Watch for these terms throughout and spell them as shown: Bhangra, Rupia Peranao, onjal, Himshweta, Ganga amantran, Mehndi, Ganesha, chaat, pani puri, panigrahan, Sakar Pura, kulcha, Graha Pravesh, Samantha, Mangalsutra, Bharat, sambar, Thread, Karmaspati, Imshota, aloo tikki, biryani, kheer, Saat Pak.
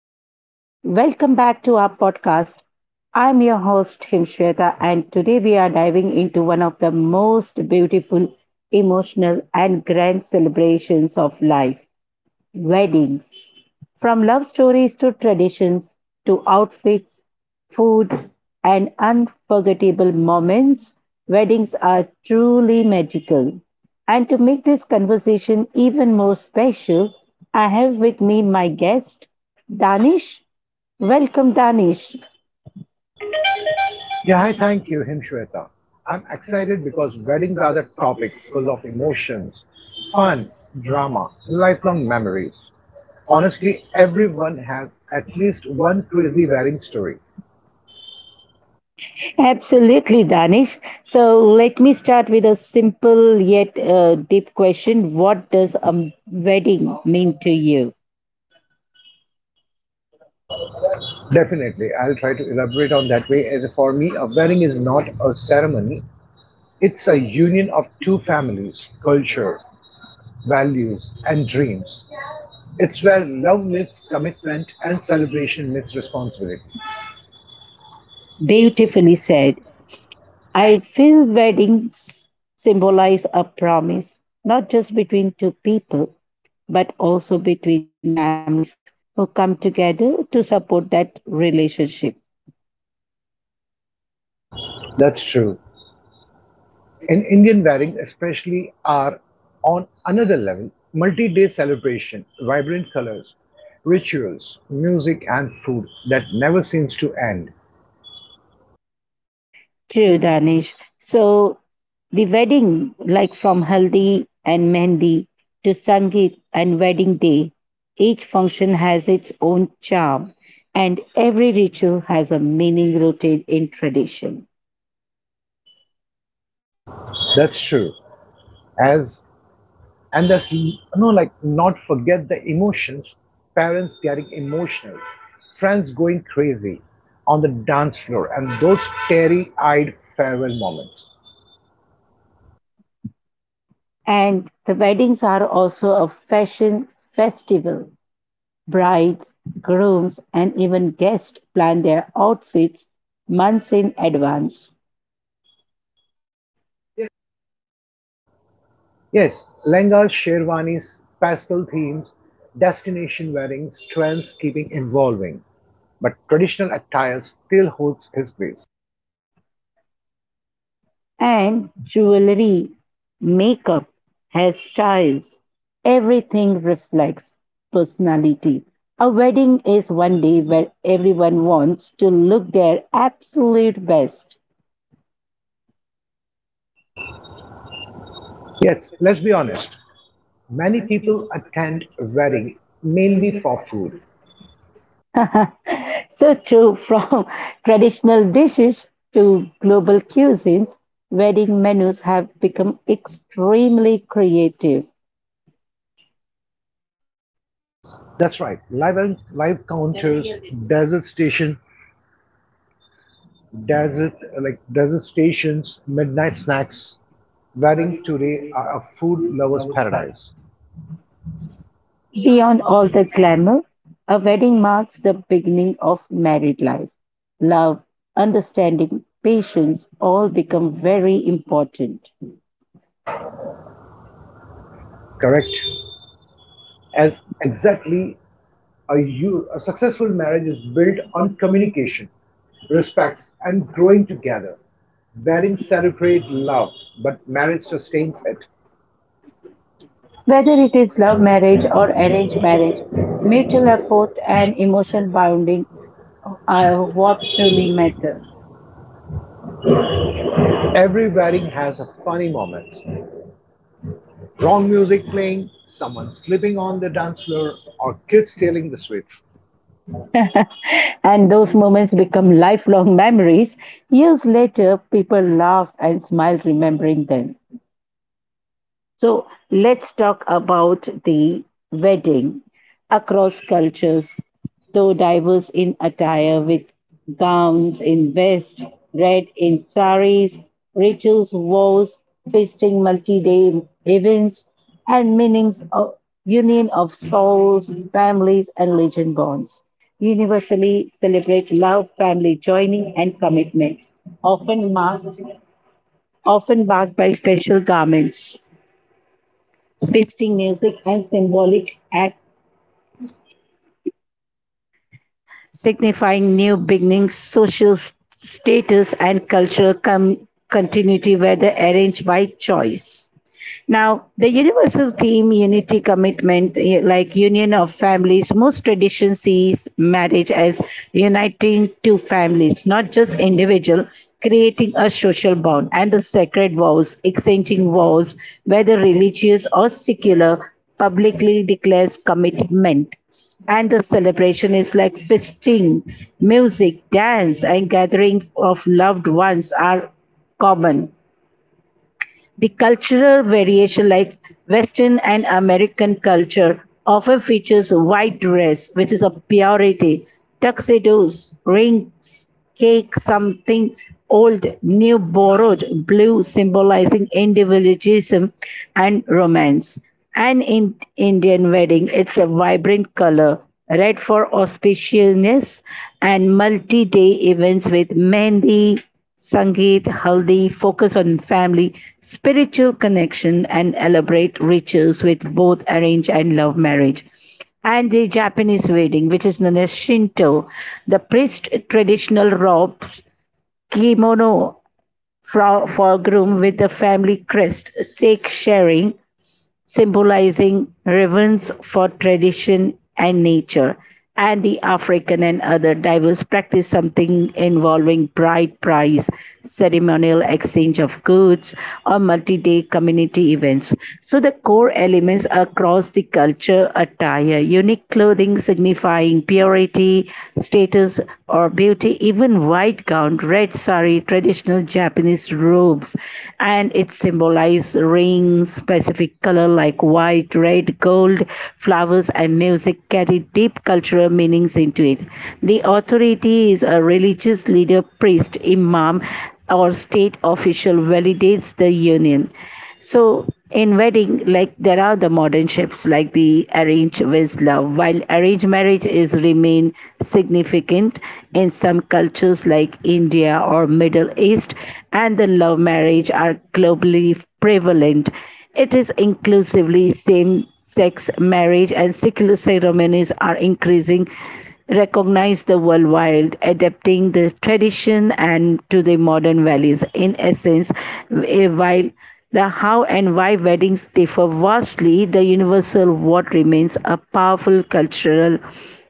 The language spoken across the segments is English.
everyone. Welcome back to our podcast. I'm your host, Himshweta, and today we are diving into one of the most beautiful, emotional, and grand celebrations of life: weddings. From love stories to traditions to outfits, food, and unforgettable moments, weddings are truly magical. And to make this conversation even more special, I have with me my guest, Danish. Welcome, Danish. Yeah, hi, thank you, Himshweta. I'm excited because weddings are the topic full of emotions, fun, drama, and lifelong memories. Honestly, everyone has at least one crazy wedding story. Absolutely, Danish. So let me start with a simple yet deep question. What does a wedding mean to you? Definitely, I'll try to elaborate on that way. As for me, a wedding is not a ceremony, it's a union of two families, culture, values, and dreams. It's where love meets commitment and celebration meets responsibility. Beautifully said. I feel weddings symbolize a promise, not just between two people, but also between families who come together to support that relationship. That's true. In Indian weddings especially are on another level, multi-day celebration, vibrant colors, rituals, music and food that never seems to end. True, Danish. So the wedding, like from Haldi and Mehndi to Sangeet and wedding day, each function has its own charm and every ritual has a meaning rooted in tradition. That's true. As and that's you know like not forget the emotions, parents getting emotional, friends going crazy on the dance floor and those teary-eyed farewell moments. And the weddings are also a fashion festival. Brides, grooms, and even guests plan their outfits months in advance. Yes, lehengas, sherwanis, pastel themes, destination weddings, trends keeping evolving. But traditional attire still holds its place. And jewelry, makeup, hairstyles, everything reflects personality. A wedding is one day where everyone wants to look their absolute best. Yes, let's be honest. Many people attend wedding mainly for food. So true, from traditional dishes to global cuisines, wedding menus have become extremely creative. That's right. Live counters, desert station, desert desert stations, midnight snacks. Wedding today are a food lover's paradise. Beyond all the glamour, a wedding marks the beginning of married life. Love, understanding, patience all become very important. Correct. As exactly A, you, a successful marriage is built on communication, respects, and growing together. Weddings celebrate love, but marriage sustains it. Whether Certainly, it is this love love marriage marriage or or arranged arranged marriage, marriage brings mutual the effort hope and and future emotion partner bonding are what what truly truly matter. matters. Every wedding has a funny moment. Wrong music playing, someone slipping on the dance floor, or kids stealing the sweets. And those moments become lifelong memories. Years later, people laugh and smile remembering them. So let's talk about the wedding across cultures, though diverse in attire with gowns in vest, red in saris, rituals, vows, feasting, multi-day events, and meanings of union of souls, families, and religion bonds. Universally celebrate love, family joining, and commitment, often marked, often marked by special garments. Festive music and symbolic acts signifying new beginnings, status, and continuity, whether arranged by choice. Now, the universal theme unity commitment, like union of families, most tradition sees marriage as uniting two families, not just individual, creating a social bond and the sacred vows, exchanging vows, whether religious or secular, publicly declares commitment and the celebration is like feasting, music, dance, and gathering of loved ones are common. The cultural variation, like Western and American culture, often features white dress, which is a purity, tuxedos, rings, cake, something old, new, borrowed, blue, symbolizing individualism and romance. And in Indian wedding, it's a vibrant color, red for auspiciousness, and multi-day events with mehndi, Sangeet, Haldi focus on family, spiritual connection, and elaborate rituals with both arranged and love marriage. And the Japanese wedding, which is known as Shinto, the priest traditional robes kimono for groom with the family crest, sake sharing, symbolizing reverence for tradition and nature, and the African and other diverse practice something involving bride price, ceremonial exchange of goods, or multi-day community events. So the core elements across the culture attire, unique clothing signifying purity, status, or beauty, even white gown, red sari, traditional Japanese robes, and it symbolizes rings, specific color like white, red, gold, flowers, and music carry deep cultural meanings into it. The authority is a religious leader, priest, imam, or state official validates the union. So in wedding, like there are the modern shifts like the arrange with love. While arranged marriage is remain significant in some cultures like India or Middle East, and the love marriage are globally prevalent. It is inclusively same sex marriage and secular ceremonies are increasing recognize the world wild, adapting the tradition and to the modern values. In essence, while the how and why weddings differ vastly, the universal what remains a powerful cultural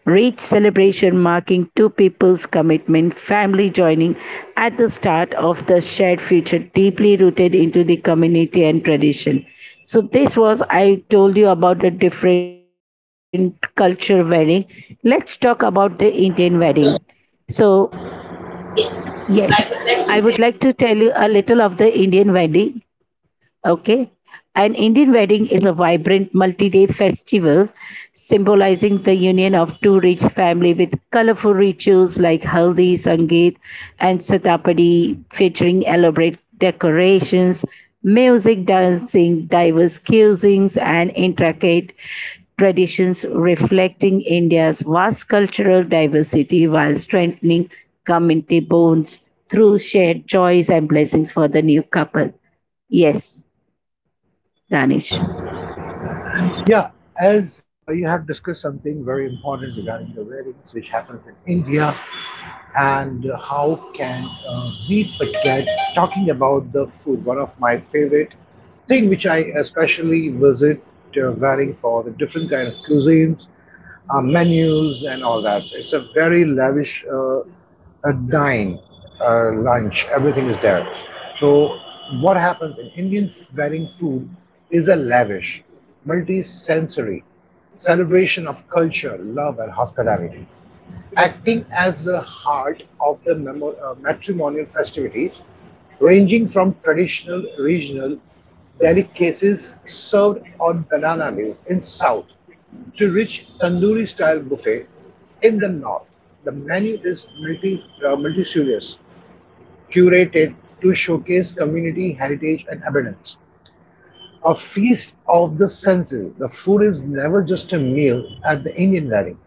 rich celebration marking two people's commitment, family joining at the start of the shared future, deeply rooted into the community and tradition. So this was I told you about the different culture wedding. Let's talk about the Indian wedding. So, yes, Yes, I I would would like to like to. tell you a little of the Indian wedding. Okay. An Indian wedding is a vibrant multi day festival symbolizing the union of two rich families with colorful rituals like Haldi, Sangeet, and Satapadi, featuring elaborate decorations, music, dancing, diverse cuisines, and intricate traditions reflecting India's vast cultural diversity while strengthening community bonds through shared joys and blessings for the new couple. Yes, Danish. Yeah, as you have discussed something very important regarding the weddings, which happens in India, and how can we forget talking about the food? One of my favorite thing, which I especially visit varying for the different kind of cuisines, menus and all that. So it's a very lavish a dine, lunch, everything is there. So what happens in Indian wedding food is a lavish, multi-sensory celebration of culture, love and hospitality acting as the heart of the matrimonial festivities, ranging from traditional regional delicacies served on banana leaves in south to rich tandoori style buffet in the north. The menu is multi curated to showcase community heritage and abundance, a feast of the senses. The food is never just a meal at the Indian wedding.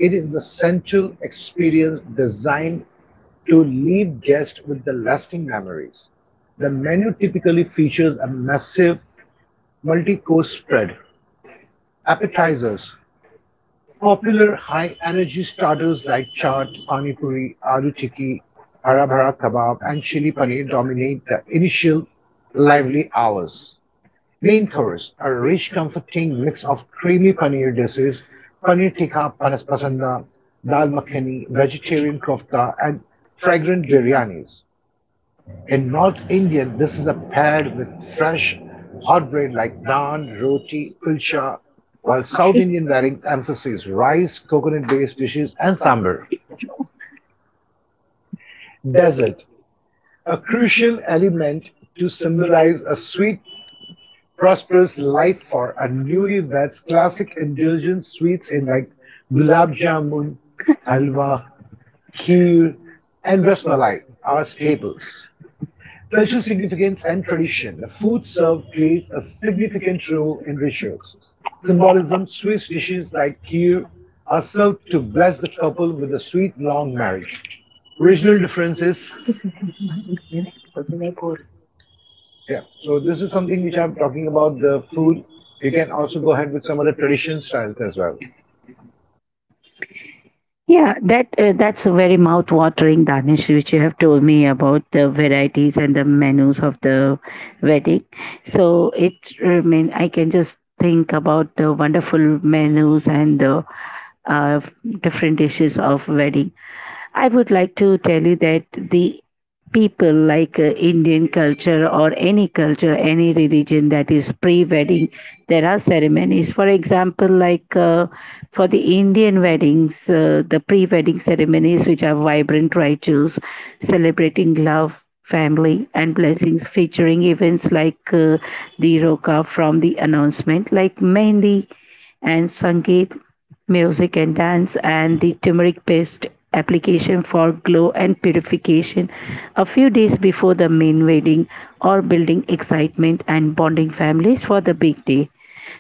It is the sensual experience designed to leave guests with the lasting memories. The menu typically features a massive multi-course spread, appetizers, popular high-energy starters like chaat, pani puri, aloo tikki, hara bhara kebab, and chili paneer dominate the initial lively hours. Main course: a rich comforting mix of creamy paneer dishes, paneer tikka panas pasanda, dal makhani, vegetarian kofta and fragrant biryanis. In North India, this is paired with fresh hot bread like naan, roti, kulcha, while South Indian varieties emphasize rice, coconut-based dishes and sambar. Dessert, a crucial element to symbolize a sweet prosperous life for a newlywed's classic indulgent sweets in like gulab jamun, halwa, kheer, and rasmalai are staples. Cultural significance and tradition. The food served plays a significant role in rituals. Symbolism, Swiss dishes like kheer are served to bless the couple with a sweet long marriage. Regional differences. Yeah, so this is something which I'm talking about the food. You can also go ahead with some other tradition styles as well. Yeah, that's a very mouth-watering Danish, which you have told me about the varieties and the menus of the wedding. So it remain. I can just think about the wonderful menus and the uh, different dishes of wedding. I would like to tell you that the people like Indian culture or any culture, any religion that is pre wedding, there are ceremonies. For example, like for the Indian weddings, the pre wedding ceremonies, which are vibrant rituals celebrating love. Family and blessings featuring events like the roka from the announcement, like Mehndi and Sangeet, music and dance, and the turmeric paste application for glow and purification a few days before the main wedding or building excitement and bonding families for the big day.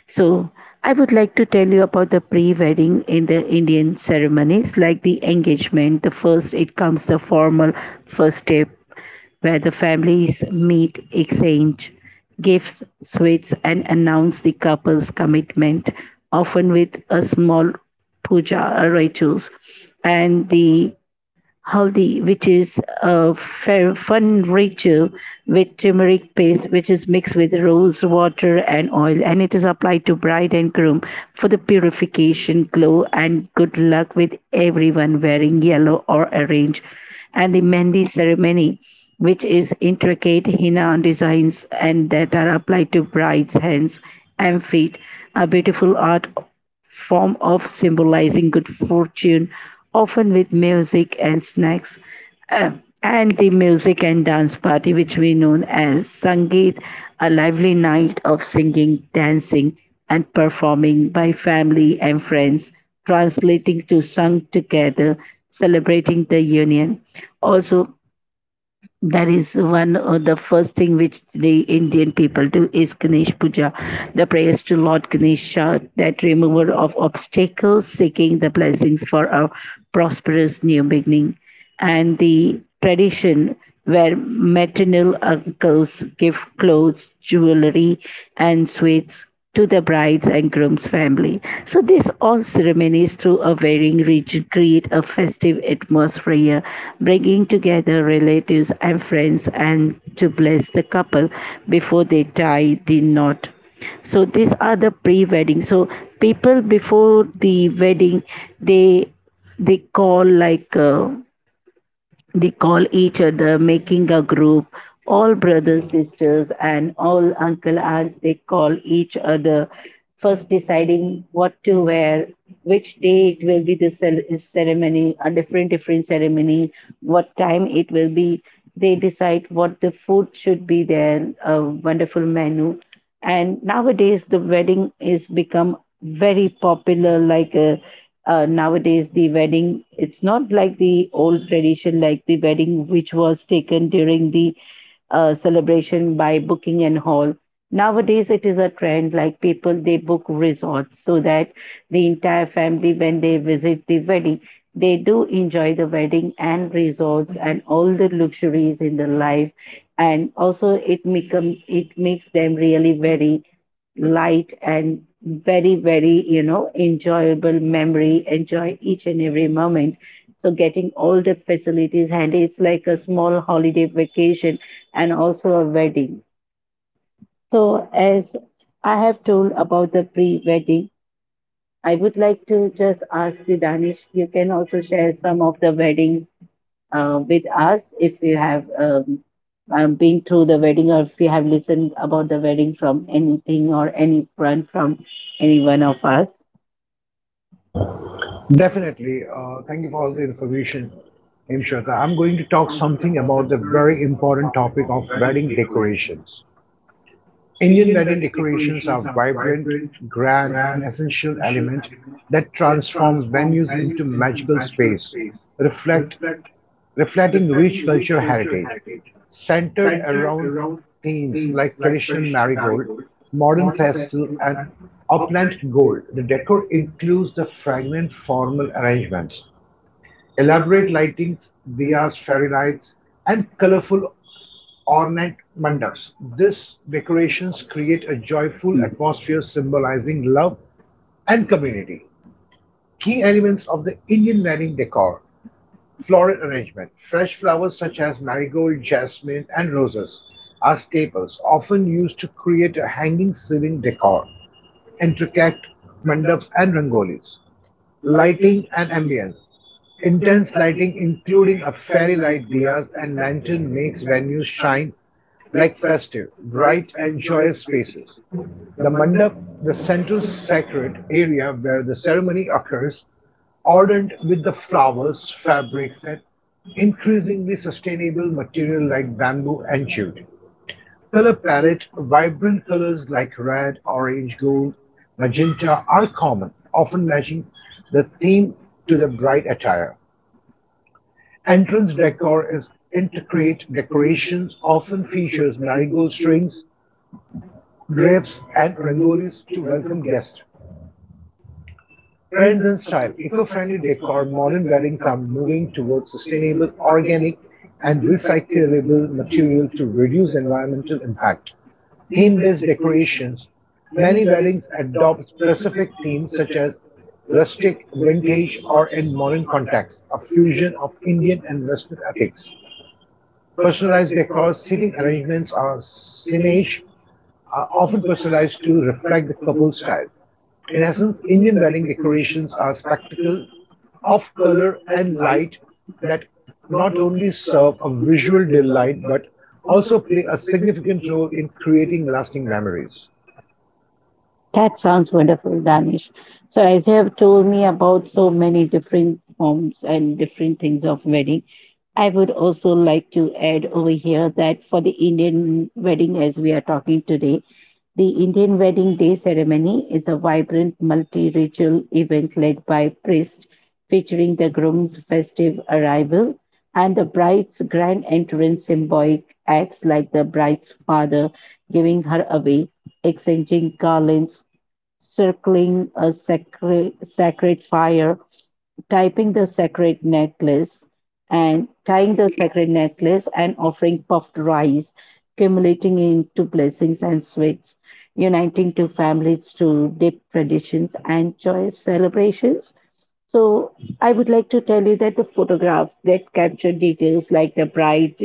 So, I would like to tell you about the pre wedding in the Indian ceremonies, like the engagement. The first, it comes the formal first step where the families meet, exchange gifts, sweets, and announce the couple's commitment, often with a small puja or rituals. And the haldi, which is a fair, fun ritual with turmeric paste, which is mixed with rose water and oil, and it is applied to bride and groom for the purification, glow, and good luck with everyone wearing yellow or orange. And the mehndi ceremony, which is intricate henna designs and that are applied to bride's hands and feet, a beautiful art form of symbolizing good fortune, often with music and snacks, uh, and the music and dance party, which we know as Sangeet, a lively night of singing, dancing, and performing by family and friends, translating to sung together, celebrating the union. Also, that is one of the first thing which the Indian people do is Ganesh puja, the prayers to Lord Ganesha, that remover of obstacles, seeking the blessings for a prosperous new beginning and the tradition where maternal uncles give clothes jewelry and sweets to the bride's and groom's family. So this all ceremonies through a varying region create a festive atmosphere, bringing together relatives and friends and to bless the couple before they tie the knot. So these are the pre-wedding. So people before the wedding, they they call they call each other making a group, all brothers sisters and all uncle aunts they call each other, first deciding what to wear, which day it will be the ceremony, a different different ceremony, what time it will be, they decide what the food should be there, a wonderful menu. And nowadays the wedding is become very popular like a nowadays the wedding it's not like the old tradition, like the wedding which was taken during the celebration by booking and hall. Nowadays it is a trend like people they book resorts so that the entire family when they visit the wedding they do enjoy the wedding and resorts and all the luxuries in the life, and also it become it makes them really very light and very, very, enjoyable memory, enjoy each and every moment. So getting all the facilities handy, it's like a small holiday vacation and also a wedding. So as I have told about the pre-wedding, I would like to just ask you, Danish, you can also share some of the wedding with us if you have been through the wedding or if you have listened about the wedding from anything or any friend from any one of us. Definitely. Thank you for all the information, Imshota. I'm going to talk something about the very important topic of wedding decorations. Indian wedding decorations are vibrant, grand, and essential element that transform venues into magical space, reflect, reflecting rich cultural heritage. Centered around themes like traditional marigold, modern pastel, and upland gold, the decor includes the fragrant formal arrangements, elaborate lightings, diyas, fairy lights, and colorful ornate mandaps. These decorations create a joyful atmosphere symbolizing love and community. Key elements of the Indian wedding decor: floral arrangement. Fresh flowers such as marigold, jasmine, and roses are staples, often used to create a hanging ceiling decor, intricate mandaps, and rangolis. Lighting and ambience. Intense lighting, including a fairy light dias and lantern, makes venues shine like festive, bright, and joyous spaces. The mandap, the central sacred area where the ceremony occurs, adorned with the flowers, fabrics, and increasingly sustainable material like bamboo and jute. Color palette: vibrant colors like red, orange, gold, magenta are common, often matching the theme to the bride attire. Entrance decor is intricate decorations, often features marigold strings, drapes, and rangolis to welcome guests. Trends and style. Eco-friendly decor, modern weddings are moving towards sustainable, organic, and recyclable material to reduce environmental impact. Theme-based decorations. Many weddings adopt specific themes such as rustic, vintage, or in modern contexts, a fusion of Indian and Western ethics. Personalized decor, seating arrangements, or signage are often personalized to reflect the couple's style. In essence, Indian wedding decorations are a spectacle of color and light that not only serve a visual delight but also play a significant role in creating lasting memories. That sounds wonderful, Danish. So, as you have told me about so many different forms and different things of wedding, I would also like to add over here that for the Indian wedding, as we are talking today, the Indian wedding day ceremony is a vibrant multi ritual event led by priests, featuring the groom's festive arrival and the bride's grand entrance, symbolic acts like the bride's father giving her away, exchanging garlands, circling a sacred fire, typing the sacred necklace and tying the sacred necklace and offering puffed rice, accumulating into blessings and sweets, uniting two families to deep traditions and joyous celebrations. So I would like to tell you that the photograph that captured details like the bride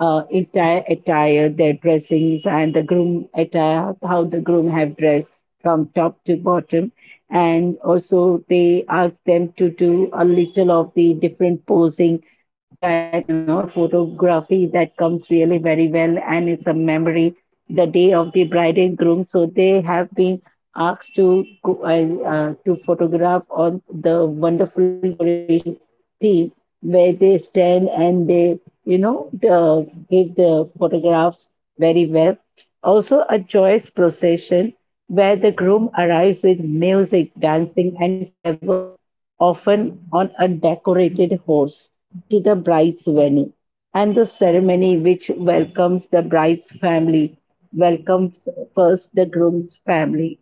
entire attire, their dressings, and the groom attire, how the groom have dressed from top to bottom, and also they asked them to do a little of the different posing so that you know the photography that comes really very well and it's a memory the day of the bride and groom, so they have been asked to to photograph all the wonderful decoration theme where they stand and they, you know, the give the photographs very well. Also, a joyous procession where the groom arrives with music, dancing, and fireworks, often on a decorated horse, to the bride's venue. And the ceremony which welcomes the bride's family welcomes first the groom's family,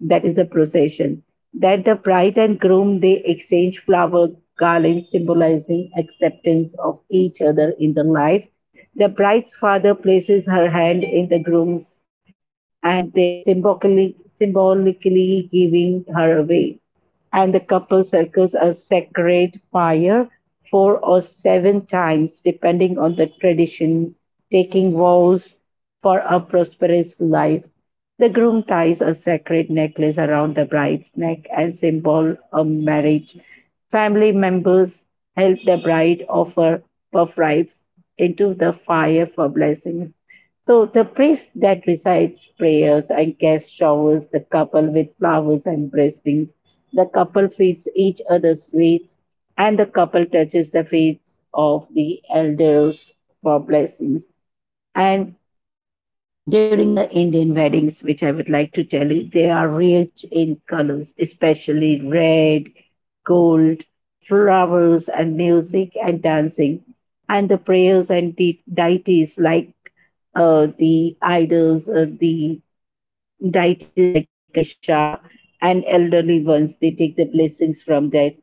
that is the procession, that the bride and groom they exchange flower garlands symbolizing acceptance of each other in the life. The bride's father places her hand in the groom's, and they symbolically giving her away, and the couple circles a sacred fire four or seven times depending on the tradition, taking vows for a prosperous life. The groom ties a sacred necklace around the bride's neck and symbol of marriage. Family members help the bride offer puff ribs into the fire for blessings. So the priest that recites prayers and guest showers the couple with flowers and blessings. The couple feeds each other sweets, and the couple touches the feet of the elders for blessings. And during the Indian weddings, which I would like to tell you, they are rich in colors, especially red, gold, flowers, and music and dancing. And the prayers and the deities like the idols, the deities like Ganesha and elderly ones, they take the blessings from that.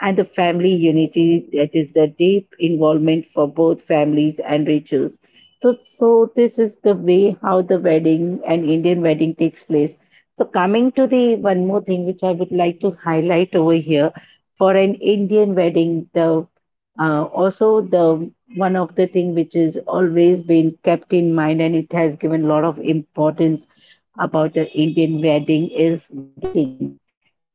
And the family unity, that is the deep involvement for both families and rituals. So this is the way how the wedding and Indian wedding takes place. So coming to the one more thing which I would like to highlight over here for an Indian wedding, the also the one of the thing which is always been kept in mind and it has given a lot of importance about an Indian wedding is gifting.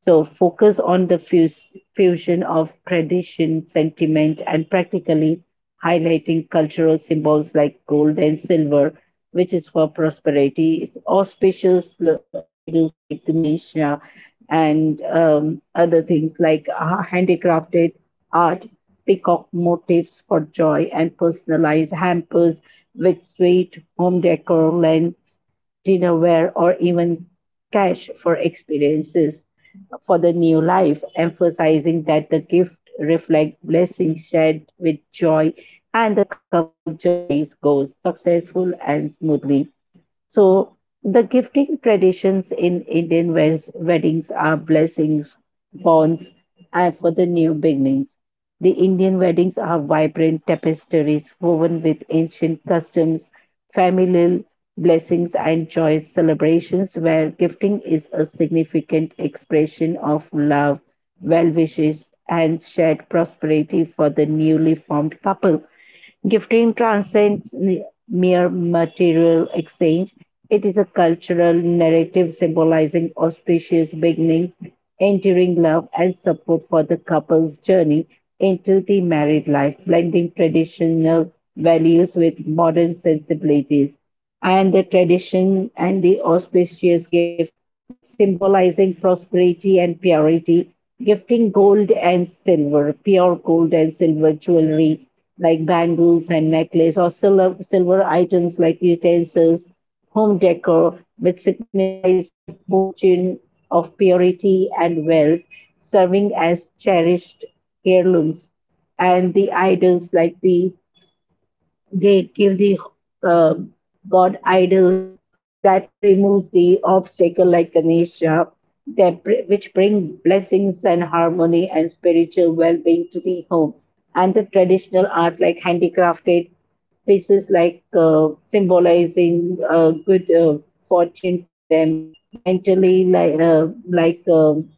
So focus on the fusion of tradition, sentiment, and practically highlighting cultural symbols like gold and silver, which is for prosperity. It's auspicious l- idols like Ganesha and other things like handicrafted art, peacock motifs for joy, and personalized hampers with sweet home decor, lamps, dinnerware, or even cash for experiences for the new life, emphasizing that the gift reflects blessings shared with joy and the couple's journey goes successful and smoothly. So, the gifting traditions in Indian wed- weddings are blessings, bonds, and for the new beginnings. The Indian weddings are vibrant tapestries woven with ancient customs, familial blessings, and joyous celebrations, where gifting is a significant expression of love, well wishes, and shared prosperity for the newly formed couple. Gifting transcends mere material exchange. It is a cultural narrative symbolizing auspicious beginnings, enduring love, and support for the couple's journey into the married life, blending traditional values with modern sensibilities. And the tradition and the auspicious gift like symbolizing prosperity and purity, gifting gold and silver, pure gold and silver jewelry, like bangles and necklace, or silver items like utensils, home decor, which signifies good fortune of purity and wealth, serving as cherished heirlooms. And the idols like the they give the uh, god idols that remove the obstacle like Ganesha, that br- which bring blessings and harmony and spiritual well-being to the home. And the traditional art like handicrafted pieces like symbolizing good fortune for them mentally like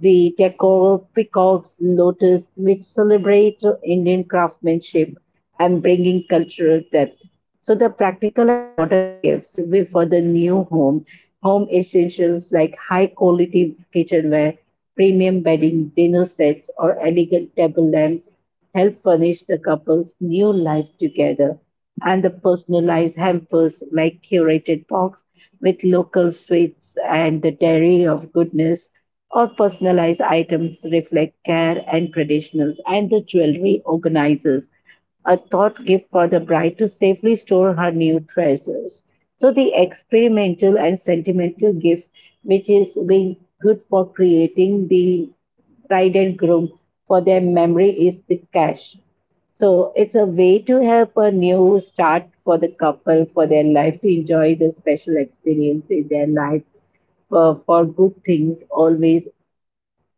the decor, peacocks, lotus, which celebrate Indian craftsmanship and bringing cultural depth. So the practical and modern gifts will for the new home, home essentials like high quality kitchenware, premium bedding, dinner sets, or elegant table lamps help furnish the couple's new life together. And the personalized hampers like curated box with local sweets and the dairy of goodness or personalized items reflect care and traditionals, and the jewelry organizers a thought gift for the bride to safely store her new treasures. So the experimental and sentimental gift, which is being good for creating the bride and groom for their memory, is the cash. So it's a way to help a new start for the couple for their life to enjoy the special experience in their life. For good things always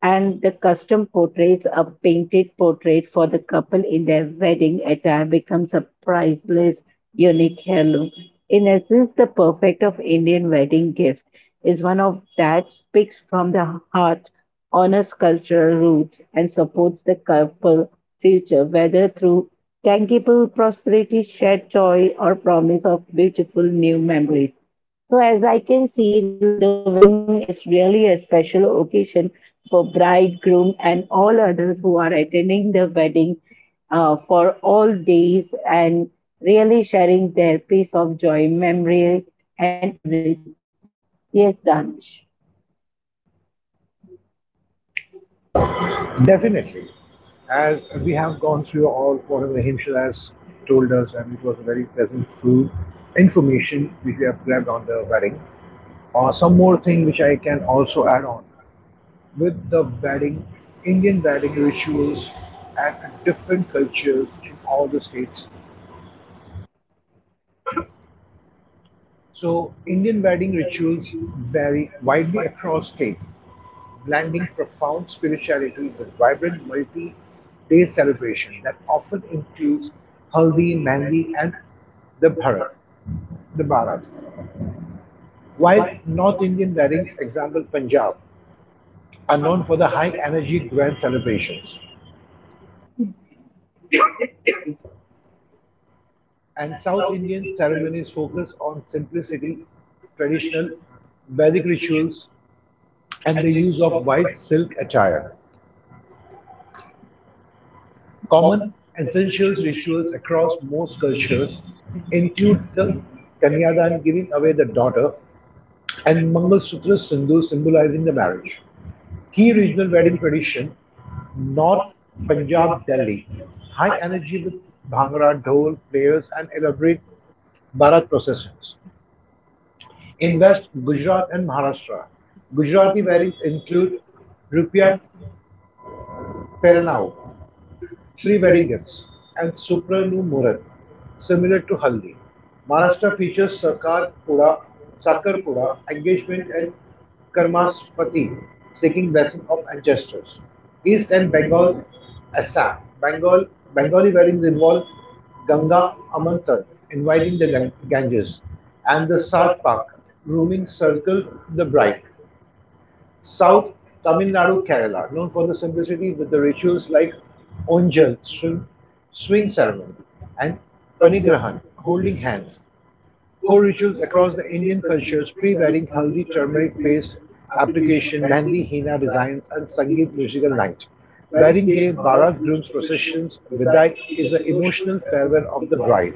and the custom portraits, a painted portrait for the couple in their wedding attire becomes a priceless, unique heirloom. In essence, the perfect of Indian wedding gift is one of that speaks from the heart, honors cultural roots, and supports the couple future, whether through tangible prosperity, shared joy, or promise of beautiful new memories. So as I can see, like the wedding is really a special occasion for bridegroom and all others who are attending the wedding for all days and really sharing their piece of joy, memory, and everything. Yes, Danish. Definitely. As we have gone through all whatever Himshal has told us, and it was a very pleasant through information which we have grabbed on the wedding. Some more thing which I can also add on with the wedding, Indian wedding rituals and different cultures in all the states. So, Indian wedding rituals vary widely across states, blending profound spirituality with vibrant multi day celebration that often includes Haldi, Mehndi, and the Bharat. The Bharat. While North Indian weddings, example Punjab, are known for the high energy grand celebrations, and South Indian ceremonies focus on simplicity, traditional Vedic rituals, and the use of white silk attire. Common essentials rituals across most cultures include the Kanyadan giving away the daughter and Mangalsutra Sindhu symbolizing the marriage. Key regional wedding tradition: North Punjab, Delhi. High energy with Bhangra, Dhol, players, and elaborate Bharat processions. In West Gujarat and Maharashtra, Gujarati weddings include Rupia Peranao, pre-wedding gifts, and Supranu Murat, similar to Haldi. Maharashtra features Sakar Pura, engagement and Karmaspati, seeking blessing of ancestors. East and Bengal, Assam. Bengal, Bengali weddings involve Ganga amantran, inviting the Ganges, and the Saat Pak, grooming circle the bride. South Tamil Nadu, Kerala, known for the simplicity with the rituals like onjal, swim, swing ceremony, and panigrahan, holding hands. Core rituals across the Indian cultures: pre-wedding, haldi, turmeric paste application, mehndi, hina designs, and sangeet musical night. Wedding day, barat, groom's processions, vidai is an emotional farewell of the bride.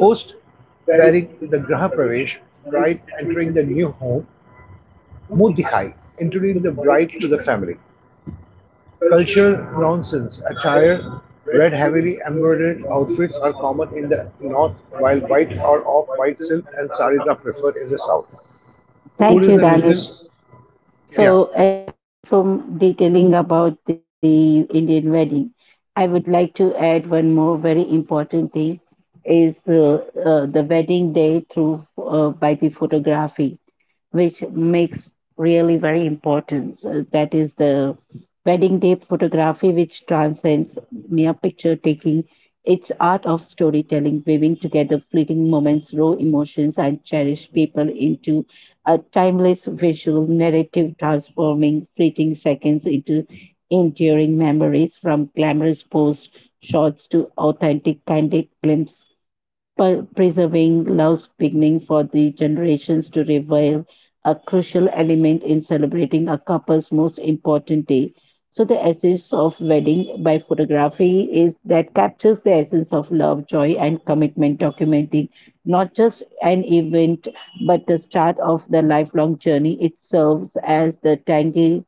Post wedding the Graha Pravesh, bride entering the new home, Mordechai, introducing the bride to the family. Cultural nonsense attire, red heavily embroidered outfits are common in the north, while white or off-white silk and saris are preferred in the south. Food Thank is you, a regional. Danish. Yeah, So, as from detailing about the Indian wedding, I would like to add one more very important thing is the wedding day through by the photography, which makes really very important. That is the wedding day photography, which transcends mere picture taking. It's art of storytelling, weaving together fleeting moments, raw emotions, and cherished people into a timeless visual narrative transforming fleeting seconds into enduring memories from glamorous post shots to authentic candid glimpses preserving love's beginning for the generations to revive a crucial element in celebrating a couple's most important day. So, the essence of wedding by photography is that captures the essence of love, joy, and commitment, documenting not just an event but the start of the lifelong journey. It serves as the tangible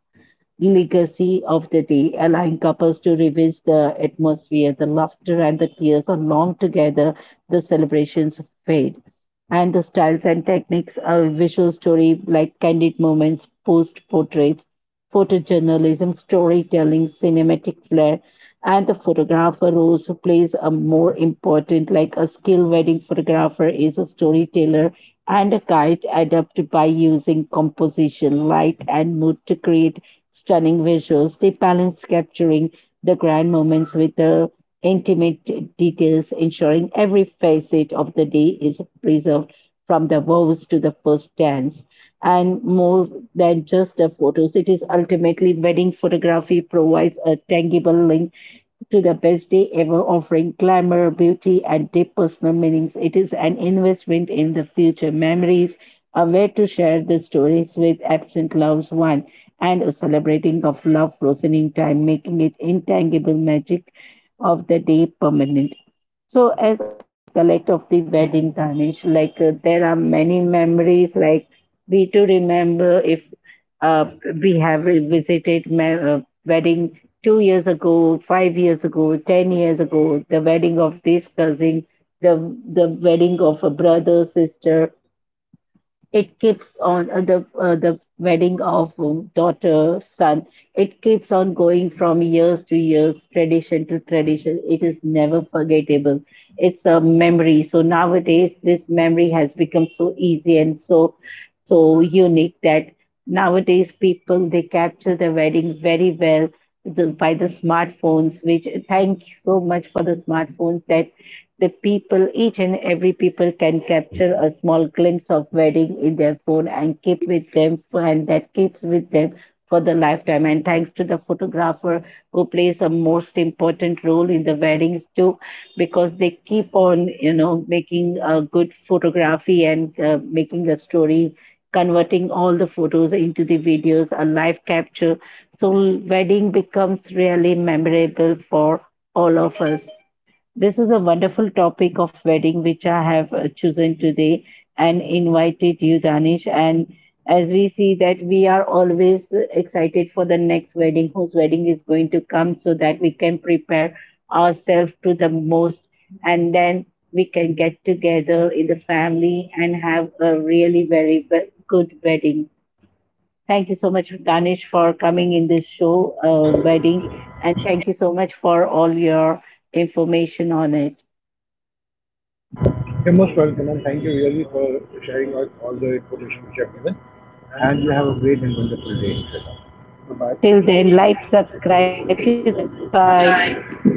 legacy of the day, allowing couples to revisit the atmosphere, the laughter, and the tears along together. The celebrations fade and the styles and techniques of visual story like candid moments, post portraits, photojournalism, storytelling, cinematic flair, and the photographer also plays a more important like a skilled wedding photographer is a storyteller and a guide adapted by using composition, light, and mood to create stunning visuals. They balance capturing the grand moments with the intimate details, ensuring every facet of the day is preserved from the vows to the first dance. And more than just the photos, it is ultimately wedding photography provides a tangible link to the best day ever, offering glamour, beauty, and deep personal meanings. It is an investment in the future memories, a way to share the stories with absent loved one, and a celebrating of love frozen in time, making it intangible magic of the day permanent. So, as collect of the wedding tarnish, like there are many memories, like we to remember if uh, we have revisited ma- wedding 2 years ago, 5 years ago, 10 years ago, the wedding of this cousin, the the wedding of a brother, sister, it keeps on the wedding of daughter son, it keeps on going from years to years, tradition to tradition, it is never forgettable, it's a memory. So nowadays this memory has become so easy and so unique that nowadays people they capture the wedding very well, the, by the smartphones which thank you so much for the smartphones that the people, each and every people can capture a small glimpse of wedding in their phone and keep with them and that keeps with them for the lifetime. And thanks to the photographer who plays a most important role in the weddings too, because they keep on, you know, making a good photography and making a story, converting all the photos into the videos, a live capture. So wedding becomes really memorable for all of us. This is a wonderful topic of wedding which I have chosen today and invited you, Danish. And as we see that we are always excited for the next wedding, whose wedding is going to come, so that we can prepare ourselves to the most, and then we can get together in the family and have a really very ve- good wedding. Thank you so much, Danish, for coming in this show, wedding, and thank you so much for all your information on it. you're most welcome, and thank you really for sharing out all the information which you have given. And you have a great and wonderful day. Bye Till then, like, subscribe. Thank you. Bye bye. bye.